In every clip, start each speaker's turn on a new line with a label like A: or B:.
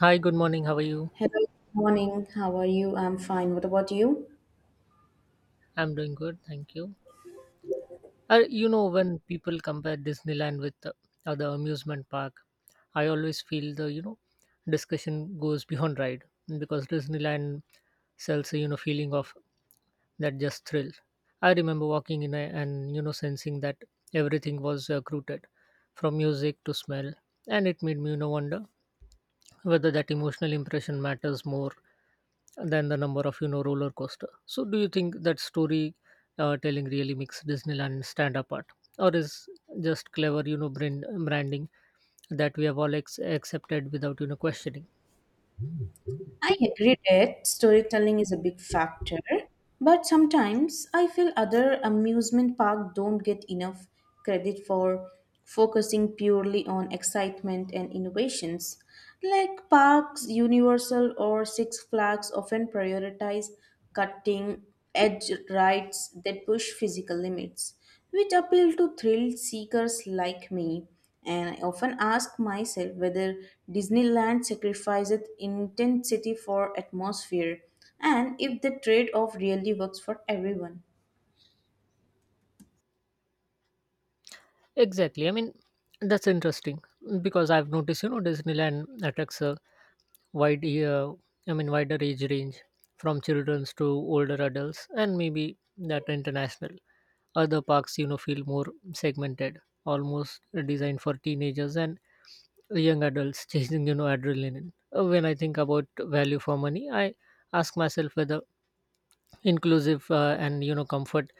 A: Hi, good morning. How are you?
B: Hello, good morning. How are you? I'm fine. What about you?
A: I'm doing good, thank you. When people compare Disneyland with other amusement park, I always feel the discussion goes beyond ride because Disneyland sells a feeling of that just thrill. I remember walking in and sensing that everything was rooted, from music to smell, and it made me wonder whether that emotional impression matters more than the number of roller coaster. So do you think that story telling really makes Disneyland stand apart, or is just clever branding that we have all accepted without questioning?
B: I agree that storytelling is a big factor, but sometimes I feel other amusement parks don't get enough credit for focusing purely on excitement and innovations. Like parks, Universal, or Six Flags often prioritize cutting edge rides that push physical limits. Which appeal to thrill seekers like me. And I often ask myself whether Disneyland sacrifices intensity for atmosphere and if the trade off really works for everyone.
A: Exactly, I mean, that's interesting, because I've noticed Disneyland attracts a wide I mean, wider age range from children's to older adults, and maybe that international. Other parks, feel more segmented, almost designed for teenagers and young adults chasing, adrenaline. When I think about value for money, I ask myself whether inclusive and comfort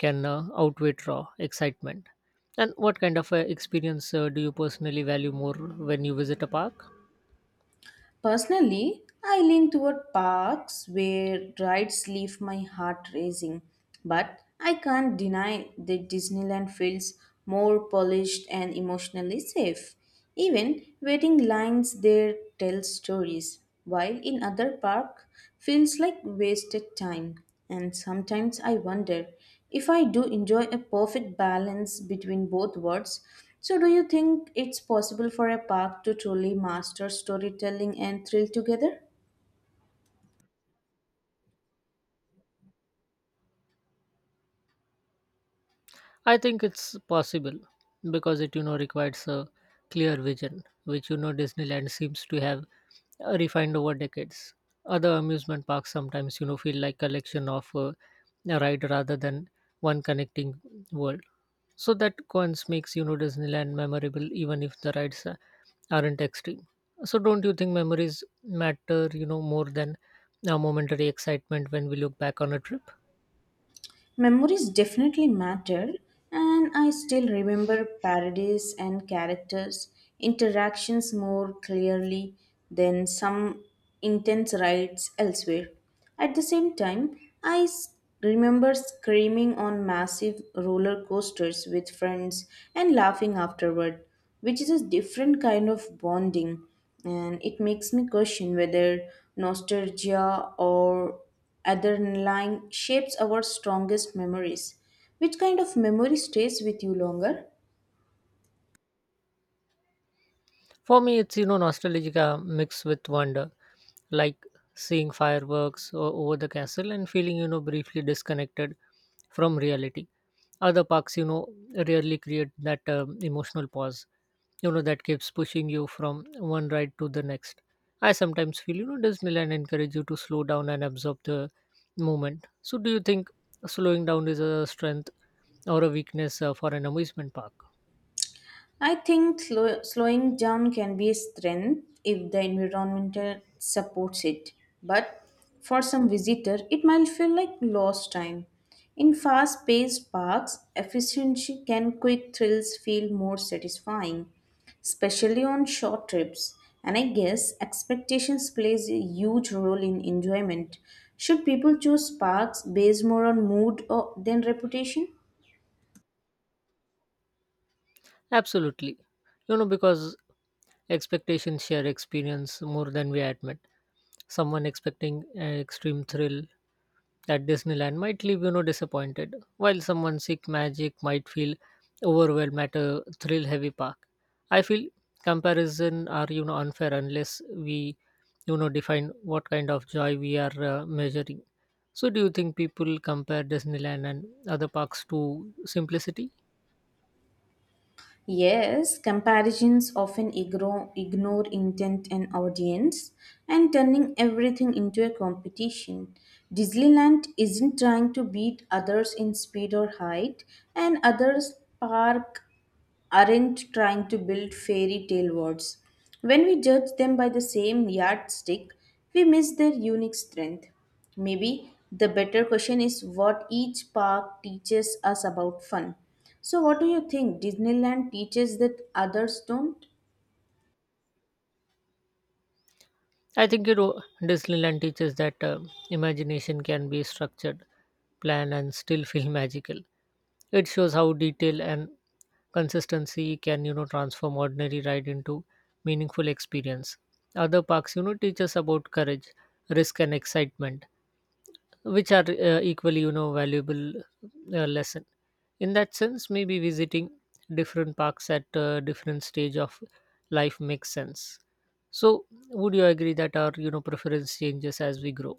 A: can outweigh raw excitement. And what kind of experience do you personally value more when you visit a park?
B: Personally, I lean toward parks where rides leave my heart racing, but I can't deny that Disneyland feels more polished and emotionally safe. Even waiting lines there tell stories, while in other park feels like wasted time. And sometimes I wonder if I do enjoy a perfect balance between both worlds so, do you think it's possible for a park to truly master storytelling and thrill together?
A: I think it's possible because it requires a clear vision, which Disneyland seems to have refined over decades. Other amusement parks sometimes feel like collection of a ride rather than one connecting world. So that cons makes Disneyland memorable even if the rides aren't extreme. So don't you think memories matter more than a momentary excitement when we look back on a trip?
B: Memories definitely matter, and I still remember parodies and characters' interactions more clearly than some intense rides elsewhere. At the same time, remember screaming on massive roller coasters with friends and laughing afterward, which is a different kind of bonding, and it makes me question whether nostalgia or adrenaline shapes our strongest memories. Which kind of memory stays with you longer?
A: For me, it's nostalgia mixed with wonder, like seeing fireworks over the castle and feeling briefly disconnected from reality. Other parks, rarely create that emotional pause, that keeps pushing you from one ride to the next. I sometimes feel Disneyland encourage you to slow down and absorb the moment. So, do you think slowing down is a strength or a weakness for an amusement park?
B: I think slowing down can be a strength if the environment supports it. But for some visitor, it might feel like lost time. In fast-paced parks, efficiency can quick thrills feel more satisfying, especially on short trips. And I guess expectations plays a huge role in enjoyment. Should people choose parks based more on mood or than reputation?
A: Absolutely. Because expectations share experience more than we admit. Someone expecting an extreme thrill at Disneyland might leave disappointed, while someone seek magic might feel overwhelmed at a thrill-heavy park. I feel comparison are unfair unless we define what kind of joy we are measuring. So, do you think people compare Disneyland and other parks to simplicity?
B: Yes, comparisons often ignore intent and audience and turning everything into a competition. Disneyland isn't trying to beat others in speed or height, and others park aren't trying to build fairy tale worlds. When we judge them by the same yardstick, we miss their unique strength. Maybe the better question is what each park teaches us about fun. So, what do you think Disneyland teaches that others don't?
A: I think Disneyland teaches that imagination can be structured, planned, and still feel magical. It shows how detail and consistency can transform ordinary ride into meaningful experience. Other parks teach us about courage, risk, and excitement, which are equally valuable lesson. In that sense, maybe visiting different parks at different stage of life makes sense. So would you agree that our preference changes as we grow?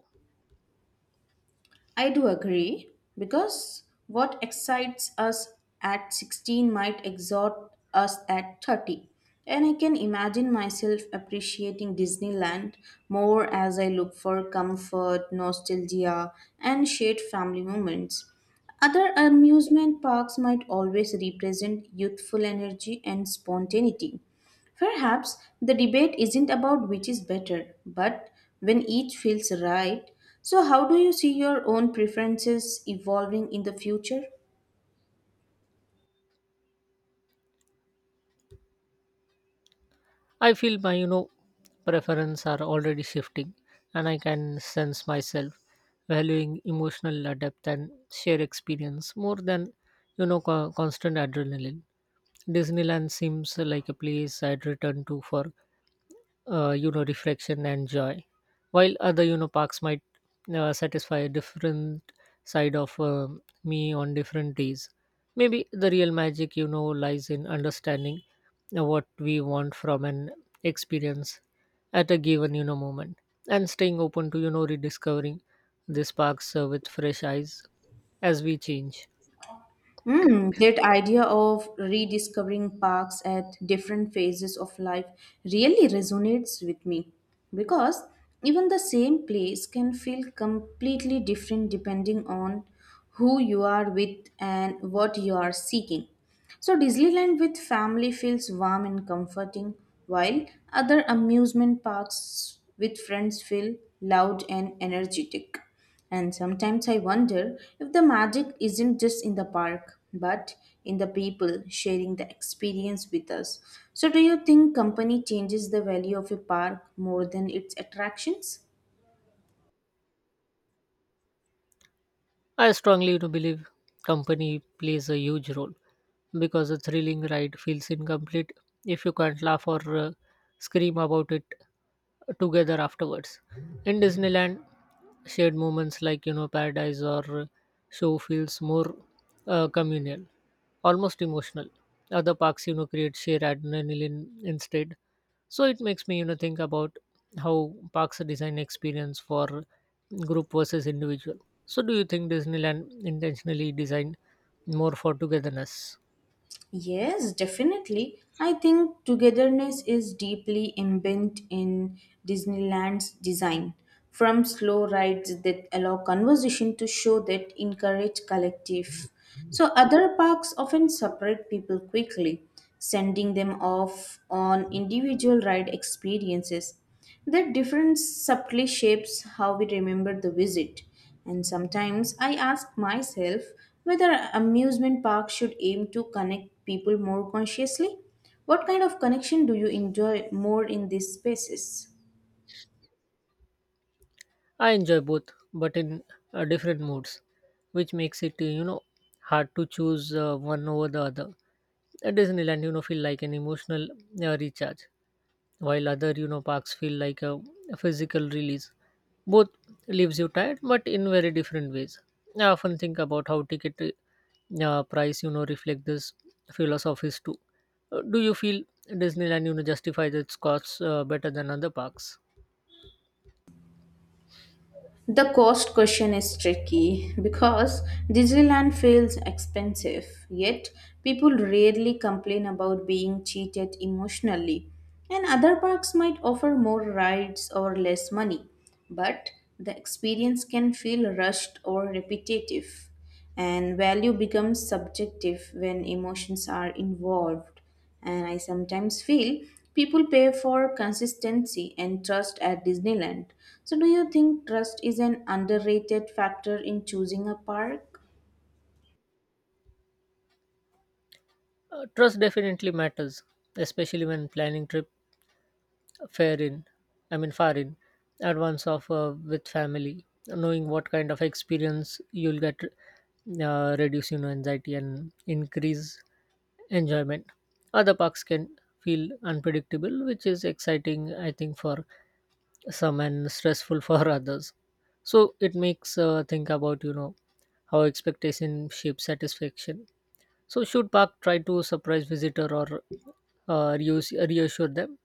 B: I do agree because what excites us at 16 might exhort us at 30. And I can imagine myself appreciating Disneyland more as I look for comfort, nostalgia, and shared family moments. Other amusement parks might always represent youthful energy and spontaneity. Perhaps the debate isn't about which is better, but when each feels right. So, how do you see your own preferences evolving in the future?
A: I feel my preference are already shifting, and I can sense myself valuing emotional depth and shared experience more than constant adrenaline. Disneyland seems like a place I'd return to for reflection and joy, while other parks might satisfy a different side of me on different days. Maybe the real magic lies in understanding what we want from an experience at a given moment, and staying open to rediscovering this parks with fresh eyes as we change.
B: Hmm, that idea of rediscovering parks at different phases of life really resonates with me because even the same place can feel completely different depending on who you are with and what you are seeking. So Disneyland with family feels warm and comforting, while other amusement parks with friends feel loud and energetic. And sometimes I wonder if the magic isn't just in the park, but in the people sharing the experience with us. So, do you think company changes the value of a park more than its attractions?
A: I strongly believe company plays a huge role because a thrilling ride feels incomplete if you can't laugh or scream about it together afterwards. In Disneyland, shared moments like paradise or show feels more communal, almost emotional. Other parks create sheer adrenaline instead, so it makes me think about how parks design experience for group versus individual. So do you think Disneyland intentionally designed more for togetherness?
B: Yes, definitely. I think togetherness is deeply embedded in Disneyland's design. From slow rides that allow conversation to show that encourage collective. So, other parks often separate people quickly, sending them off on individual ride experiences. That difference subtly shapes how we remember the visit. And sometimes I ask myself whether amusement parks should aim to connect people more consciously. What kind of connection do you enjoy more in these spaces?
A: I enjoy both, but in different moods, which makes it hard to choose one over the other. At Disneyland feel like an emotional recharge, while other parks feel like a physical release. Both leaves you tired, but in very different ways. I often think about how ticket price reflect this philosophies too. Do you feel Disneyland justifies its costs better than other parks?
B: The cost question is tricky because Disneyland feels expensive, yet people rarely complain about being cheated emotionally. And other parks might offer more rides or less money, but the experience can feel rushed or repetitive and value becomes subjective when emotions are involved and I sometimes feel people pay for consistency and trust at Disneyland. So, do you think trust is an underrated factor in choosing a park?
A: Uh, trust definitely matters, especially when planning trips. Fair in I mean, far in advance of with family, knowing what kind of experience you'll get reduce anxiety and increase enjoyment. Other parks can feel unpredictable, which is exciting, I think, for some and stressful for others. So it makes think about how expectation shapes satisfaction. So should park try to surprise visitor or reassure them?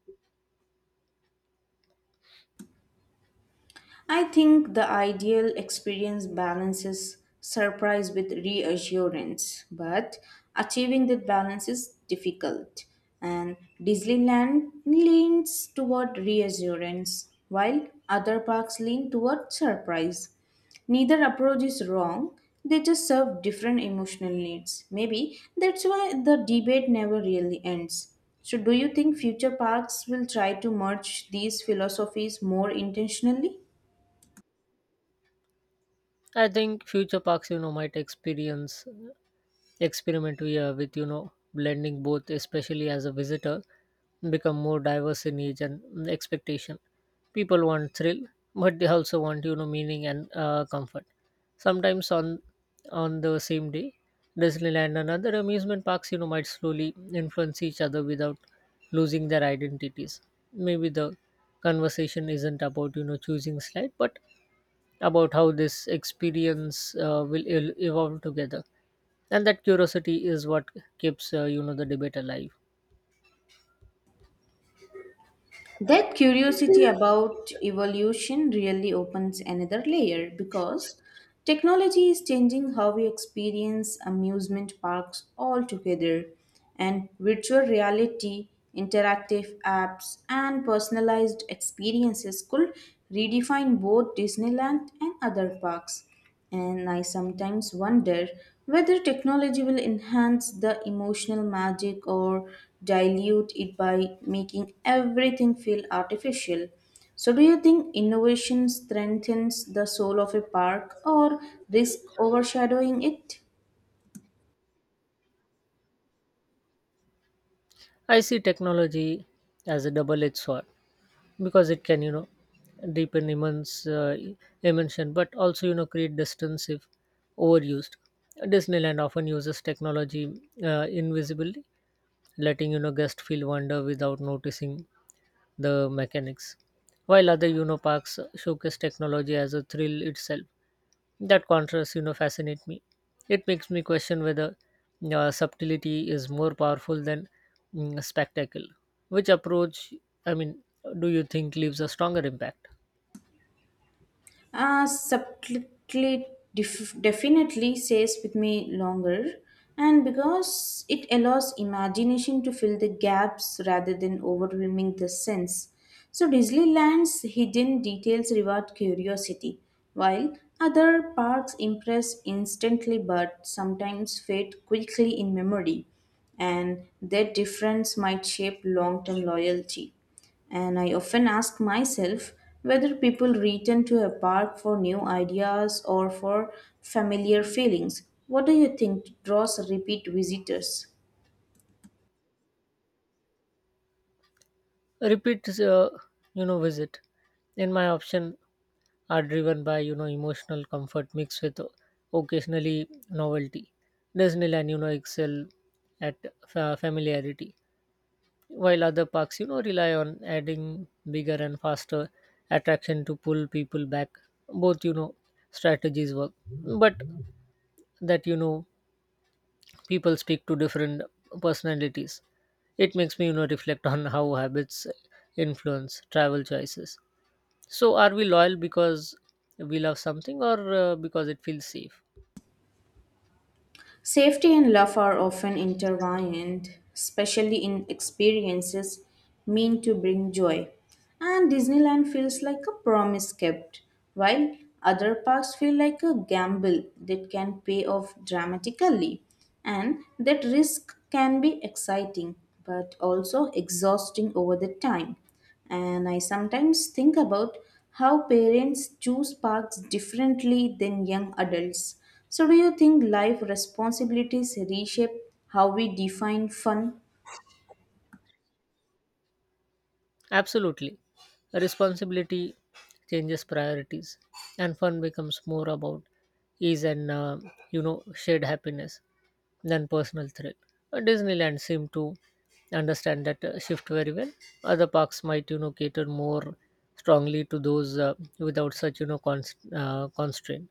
B: I think the ideal experience balances surprise with reassurance, but achieving that balance is difficult. And Disneyland leans toward reassurance, while other parks lean toward surprise. Neither approach is wrong, they just serve different emotional needs. Maybe that's why the debate never really ends. So, do you think future parks will try to merge these philosophies more intentionally?
A: I think future parks, might experience experiment here with blending both, especially as a visitor, become more diverse in age and expectation. People want thrill, but they also want meaning and comfort. Sometimes on the same day, Disneyland and other amusement parks, might slowly influence each other without losing their identities. Maybe the conversation isn't about choosing slide, but about how this experience will evolve together, and that curiosity is what keeps the debate alive.
B: That curiosity about evolution really opens another layer because technology is changing how we experience amusement parks altogether, and virtual reality, interactive apps, and personalized experiences could redefine both Disneyland and other parks. And I sometimes wonder whether technology will enhance the emotional magic or dilute it by making everything feel artificial. So, do you think innovation strengthens the soul of a park or risk overshadowing it?
A: I see technology as a double edged sword because it can deepen immense immersion, but also create distance if overused. Disneyland often uses technology invisibly, letting guests feel wonder without noticing the mechanics, while other parks showcase technology as a thrill itself. That contrast, fascinates me. It makes me question whether subtlety is more powerful than spectacle. Which approach, I mean, do you think leaves a stronger impact?
B: Subtly definitely stays with me longer, and because it allows imagination to fill the gaps rather than overwhelming the sense. So, Disneyland's hidden details reward curiosity, while other parks impress instantly but sometimes fade quickly in memory, and that difference might shape long term loyalty. And I often ask myself whether people return to a park for new ideas or for familiar feelings. What do you think draws repeat visitors?
A: Repeat, visit. In my option, are driven by emotional comfort mixed with occasionally novelty. Disneyland, excel at familiarity, while other parks rely on adding bigger and faster attraction to pull people back. Both strategies work, but that people speak to different personalities. It makes me reflect on how habits influence travel choices. So are we loyal because we love something or because it feels safe?
B: Safety and love are often intertwined, especially in experiences meant to bring joy. And Disneyland feels like a promise kept, while other parks feel like a gamble that can pay off dramatically. And that risk can be exciting, but also exhausting over the time. And I sometimes think about how parents choose paths differently than young adults. So, do you think life responsibilities reshape how we define fun?
A: Absolutely. Responsibility changes priorities, and fun becomes more about ease and shared happiness than personal thrill. Disneyland seemed to understand that shift very well. Other parks might cater more strongly to those without such constraint.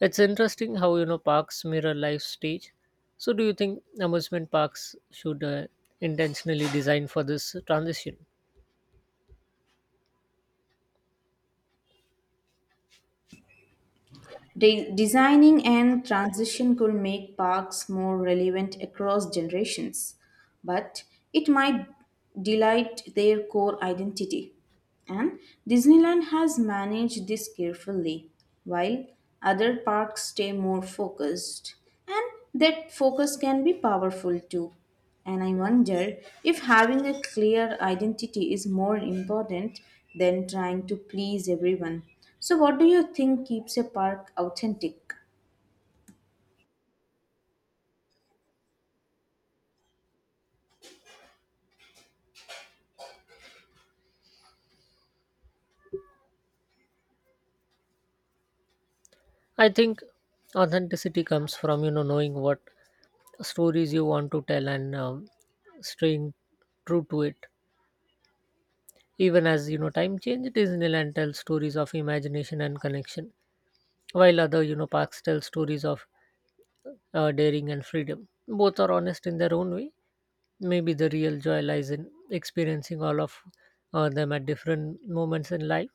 A: It's interesting how parks mirror life stage. So, do you think amusement parks should intentionally design for this transition?
B: Designing and transition could make parks more relevant across generations, but it might delight their core identity. And Disneyland has managed this carefully, while other parks stay more focused. And that focus can be powerful too. And I wonder if having a clear identity is more important than trying to please everyone. So, what do you think keeps a park authentic?
A: I think authenticity comes from knowing what stories you want to tell and staying true to it. Even as time change, Disneyland tells stories of imagination and connection, while other parks tell stories of daring and freedom. Both are honest in their own way. Maybe the real joy lies in experiencing all of them at different moments in life,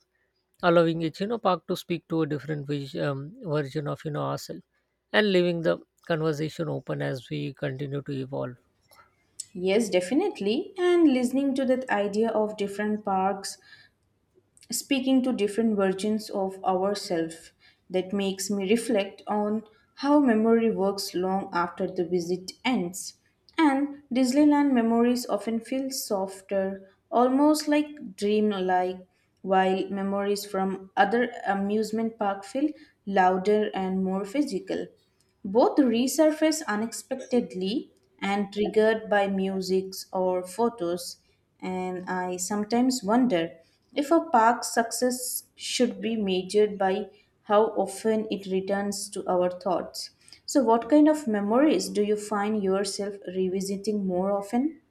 A: allowing each park to speak to a different version of ourselves, and leaving the conversation open as we continue to evolve.
B: Yes, definitely. And listening to that idea of different parks speaking to different versions of ourselves that makes me reflect on how memory works long after the visit ends. And Disneyland memories often feel softer, almost like dream-like, while memories from other amusement park feel louder and more physical. Both resurface unexpectedly and triggered by musics or photos, and I sometimes wonder if a park's success should be measured by how often it returns to our thoughts. So, what kind of memories do you find yourself revisiting more often?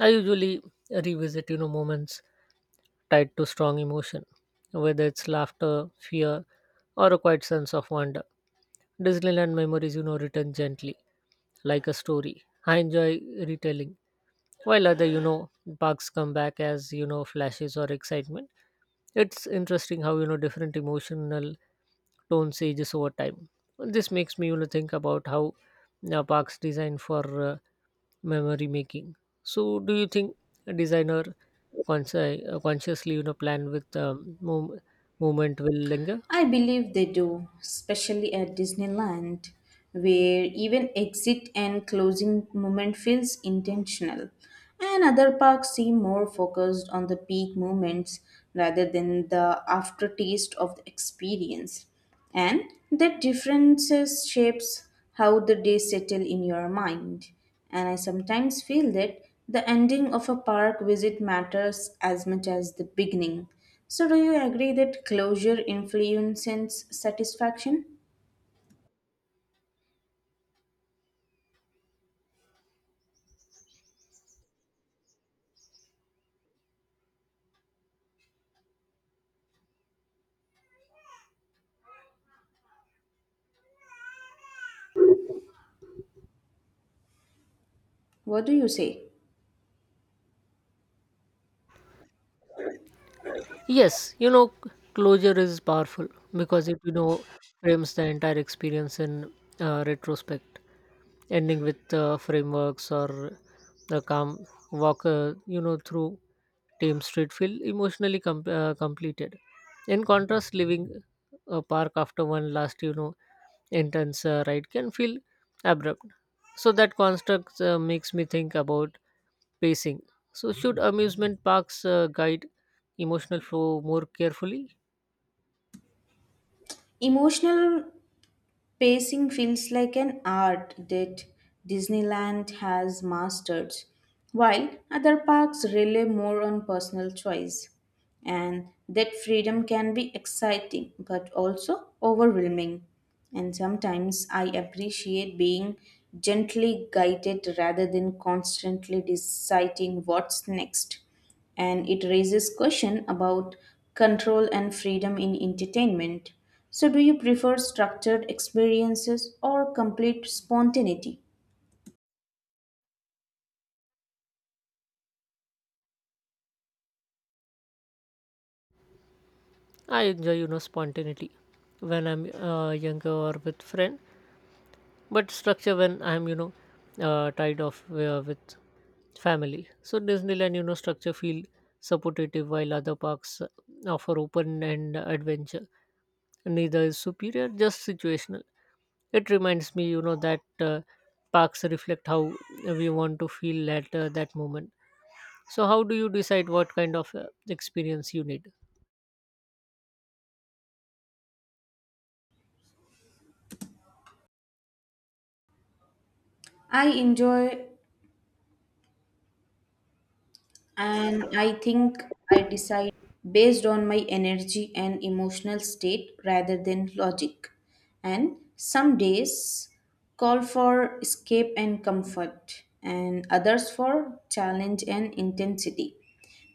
A: I usually revisit moments tied to strong emotion, whether it's laughter, fear, or a quiet sense of wonder. Disneyland memories written gently, like a story I enjoy retelling, while other parks come back as flashes or excitement. It's interesting how different emotional tones ages over time. This makes me think about how parks designed for memory making. So, do you think a designer consciously plan with movement will linger?
B: I believe they do, especially at Disneyland, where even exit and closing moment feels intentional. And other parks seem more focused on the peak moments rather than the aftertaste of the experience. And that differences shapes how the day settle in your mind. And I sometimes feel that the ending of a park visit matters as much as the beginning. So, do you agree that closure influences satisfaction? What do you say?
A: Yes, closure is powerful because it, frames the entire experience in retrospect, ending with frameworks or the calm walk, through Tame Street feel emotionally completed. In contrast, leaving a park after one last, intense ride can feel abrupt. So that construct makes me think about pacing. So, should amusement parks guide emotional flow more carefully?
B: Emotional pacing feels like an art that Disneyland has mastered, while other parks rely more on personal choice. And that freedom can be exciting but also overwhelming. And sometimes I appreciate being gently guided rather than constantly deciding what's next and it raises question about control and freedom in entertainment. So, do you prefer structured experiences or complete spontaneity?
A: I enjoy, spontaneity when I'm younger or with friend, but structure when I'm, tied off with family. So Disneyland, structure feel supportive while other parks offer open and adventure. Neither is superior, just situational. It reminds me, that parks reflect how we want to feel at that moment. So, how do you decide what kind of experience you need?
B: I enjoy and I think I decide based on my energy and emotional state rather than logic. And some days call for escape and comfort, and others for challenge and intensity.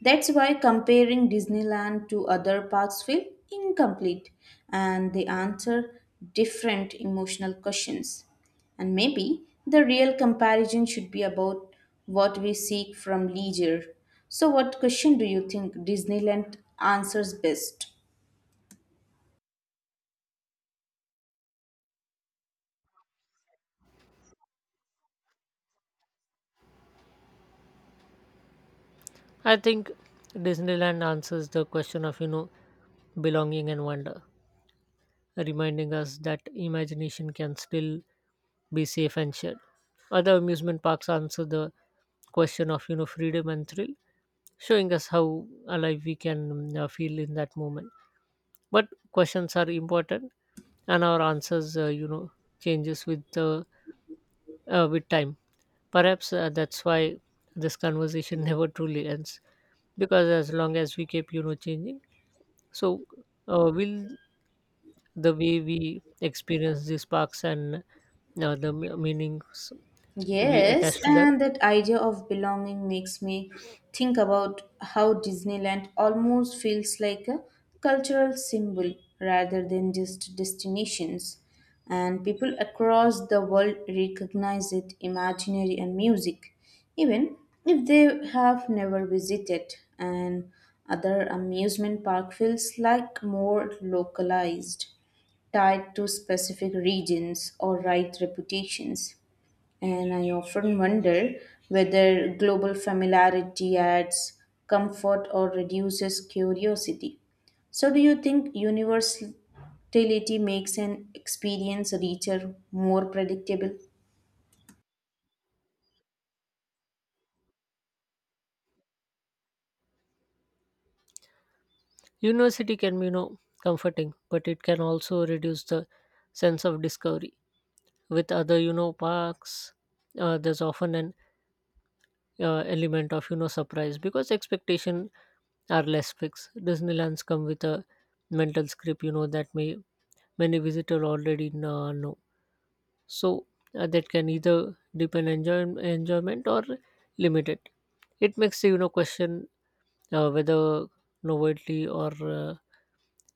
B: That's why comparing Disneyland to other parks feel incomplete and they answer different emotional questions. And maybe the real comparison should be about what we seek from leisure. So, what question do you think Disneyland answers best?
A: I think Disneyland answers the question of, belonging and wonder, reminding us that imagination can still be safe and shared. Other amusement parks answer the question of, freedom and thrill, showing us how alive we can feel in that moment. But questions are important, and our answers, changes with the with time. Perhaps that's why this conversation never truly ends because as long as we keep changing, so will the way we experience these parks and the meanings we
B: Yes,
A: attach to them.
B: and that idea of belonging makes me think about how Disneyland almost feels like a cultural symbol rather than just destinations. And people across the world recognize it imaginary and music, even if they have never visited. And other amusement park feels like more localized, tied to specific regions or right reputations and I often wonder whether global familiarity adds comfort or reduces curiosity. So, do you think universality makes an experience richer, more predictable?
A: University can be comforting, but it can also reduce the sense of discovery. With other parks, there's often an element of surprise because expectation are less fixed. Disneyland's come with a mental script that may many visitors already know. So that can either deepen enjoyment or limit it. It makes question whether novelty or uh,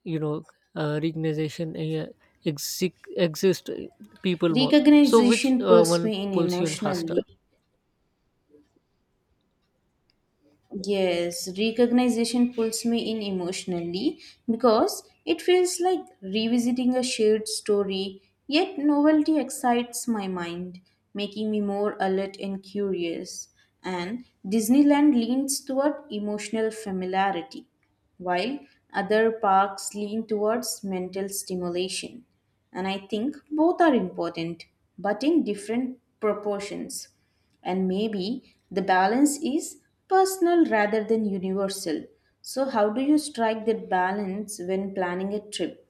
A: you know recognition yeah, exist people more. So which
B: Recognition pulls
A: one
B: me in
A: pulls you in faster?
B: emotionally. Yes, recognition pulls me in emotionally because it feels like revisiting a shared story, yet novelty excites my mind, making me more alert and curious. And Disneyland leans toward emotional familiarity, while other parks lean towards mental stimulation. And I think both are important, but in different proportions and maybe the balance is personal rather than universal. So, how do you strike that balance when planning a trip?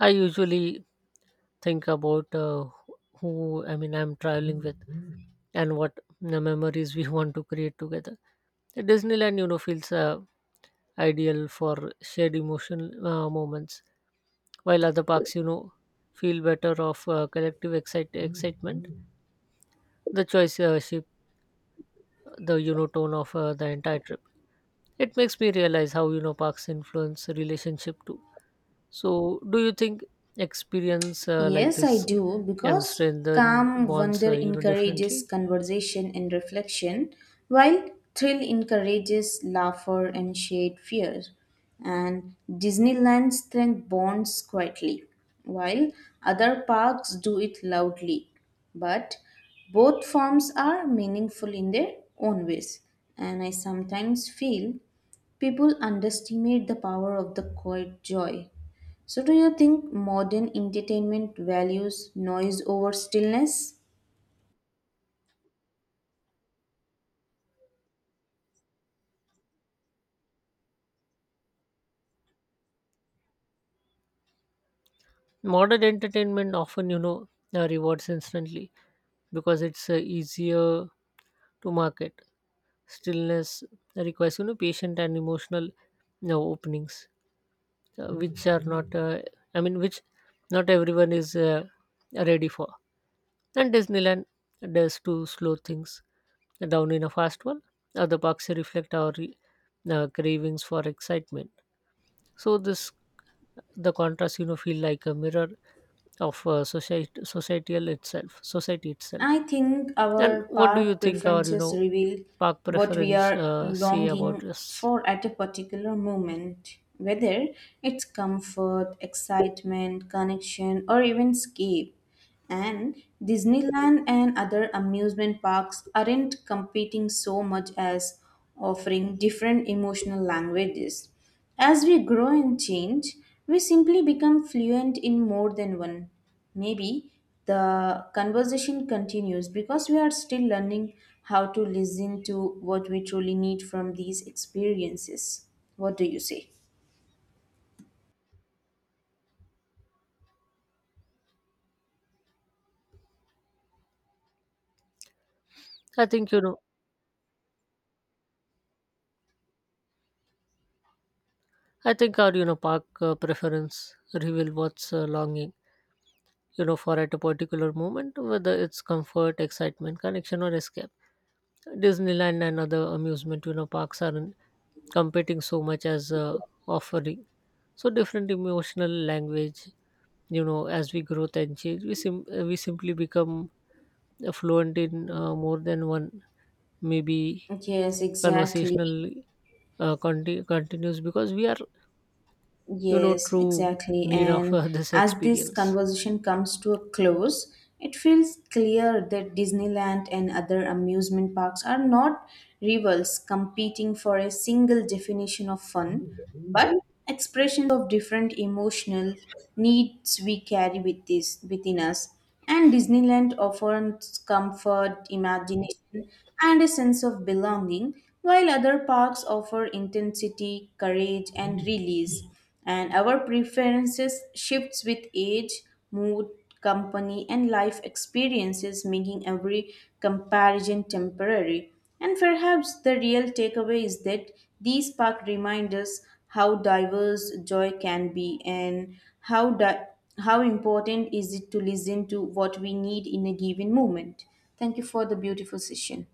A: I usually think about who I mean, I'm traveling with and what memories we want to create together. Disneyland, feels ideal for shared emotional moments, while other parks, feel better of collective excitement. The choice shape the tone of the entire trip. It makes me realize how parks influence relationship too. So, do you think experience like
B: Yes, I
A: this
B: do,
A: can
B: because
A: strengthen
B: calm
A: bonds,
B: wonder encourages
A: differently?
B: conversation and reflection, while thrill encourages laughter and shared fear. And Disneyland strength bonds quietly, while other parks do it loudly. But both forms are meaningful in their own ways, and I sometimes feel people underestimate the power of the quiet joy. So, do you think modern entertainment values noise over stillness?
A: Modern entertainment often, rewards instantly because it's easier to market. Stillness requires patient and emotional openings which are not I mean, which not everyone is ready for, and Disneyland does to slow things down in a fast one. Other parks reflect our cravings for excitement, so this the contrast feel like a mirror of society itself.
B: I think
A: And
B: our
A: what do you
B: part
A: think our
B: preferences reveal
A: park
B: what we
A: preference
B: are
A: say about
B: longing
A: this?
B: for at a particular moment, whether it's comfort, excitement, connection, or even escape. And Disneyland and other amusement parks aren't competing so much as offering different emotional languages. As we grow and change, we simply become fluent in more than one. Maybe the conversation continues because we are still learning how to listen to what we truly need from these experiences. What do you say?
A: I think, you know, I think our, park preference reveal what's longing, for at a particular moment, whether it's comfort, excitement, connection, or escape. Disneyland and other amusement, parks aren't competing so much as offering. So different emotional language, as we grow and change, we simply become fluent in more than one, maybe
B: Yes, exactly.
A: conversational continues because we are
B: Yes,
A: true
B: exactly.
A: need of
B: And
A: this
B: as this
A: experience.
B: conversation comes to a close, it feels clear that Disneyland and other amusement parks are not rivals competing for a single definition of fun, but expressions of different emotional needs we carry with this within us. And Disneyland offers comfort, imagination, and a sense of belonging, while other parks offer intensity, courage, and release and our preferences shifts with age, mood, company and life experiences, making every comparison temporary and perhaps the real takeaway is that these park remind us how diverse joy can be and how di- how important is it to listen to what we need in a given moment. Thank you for the beautiful session.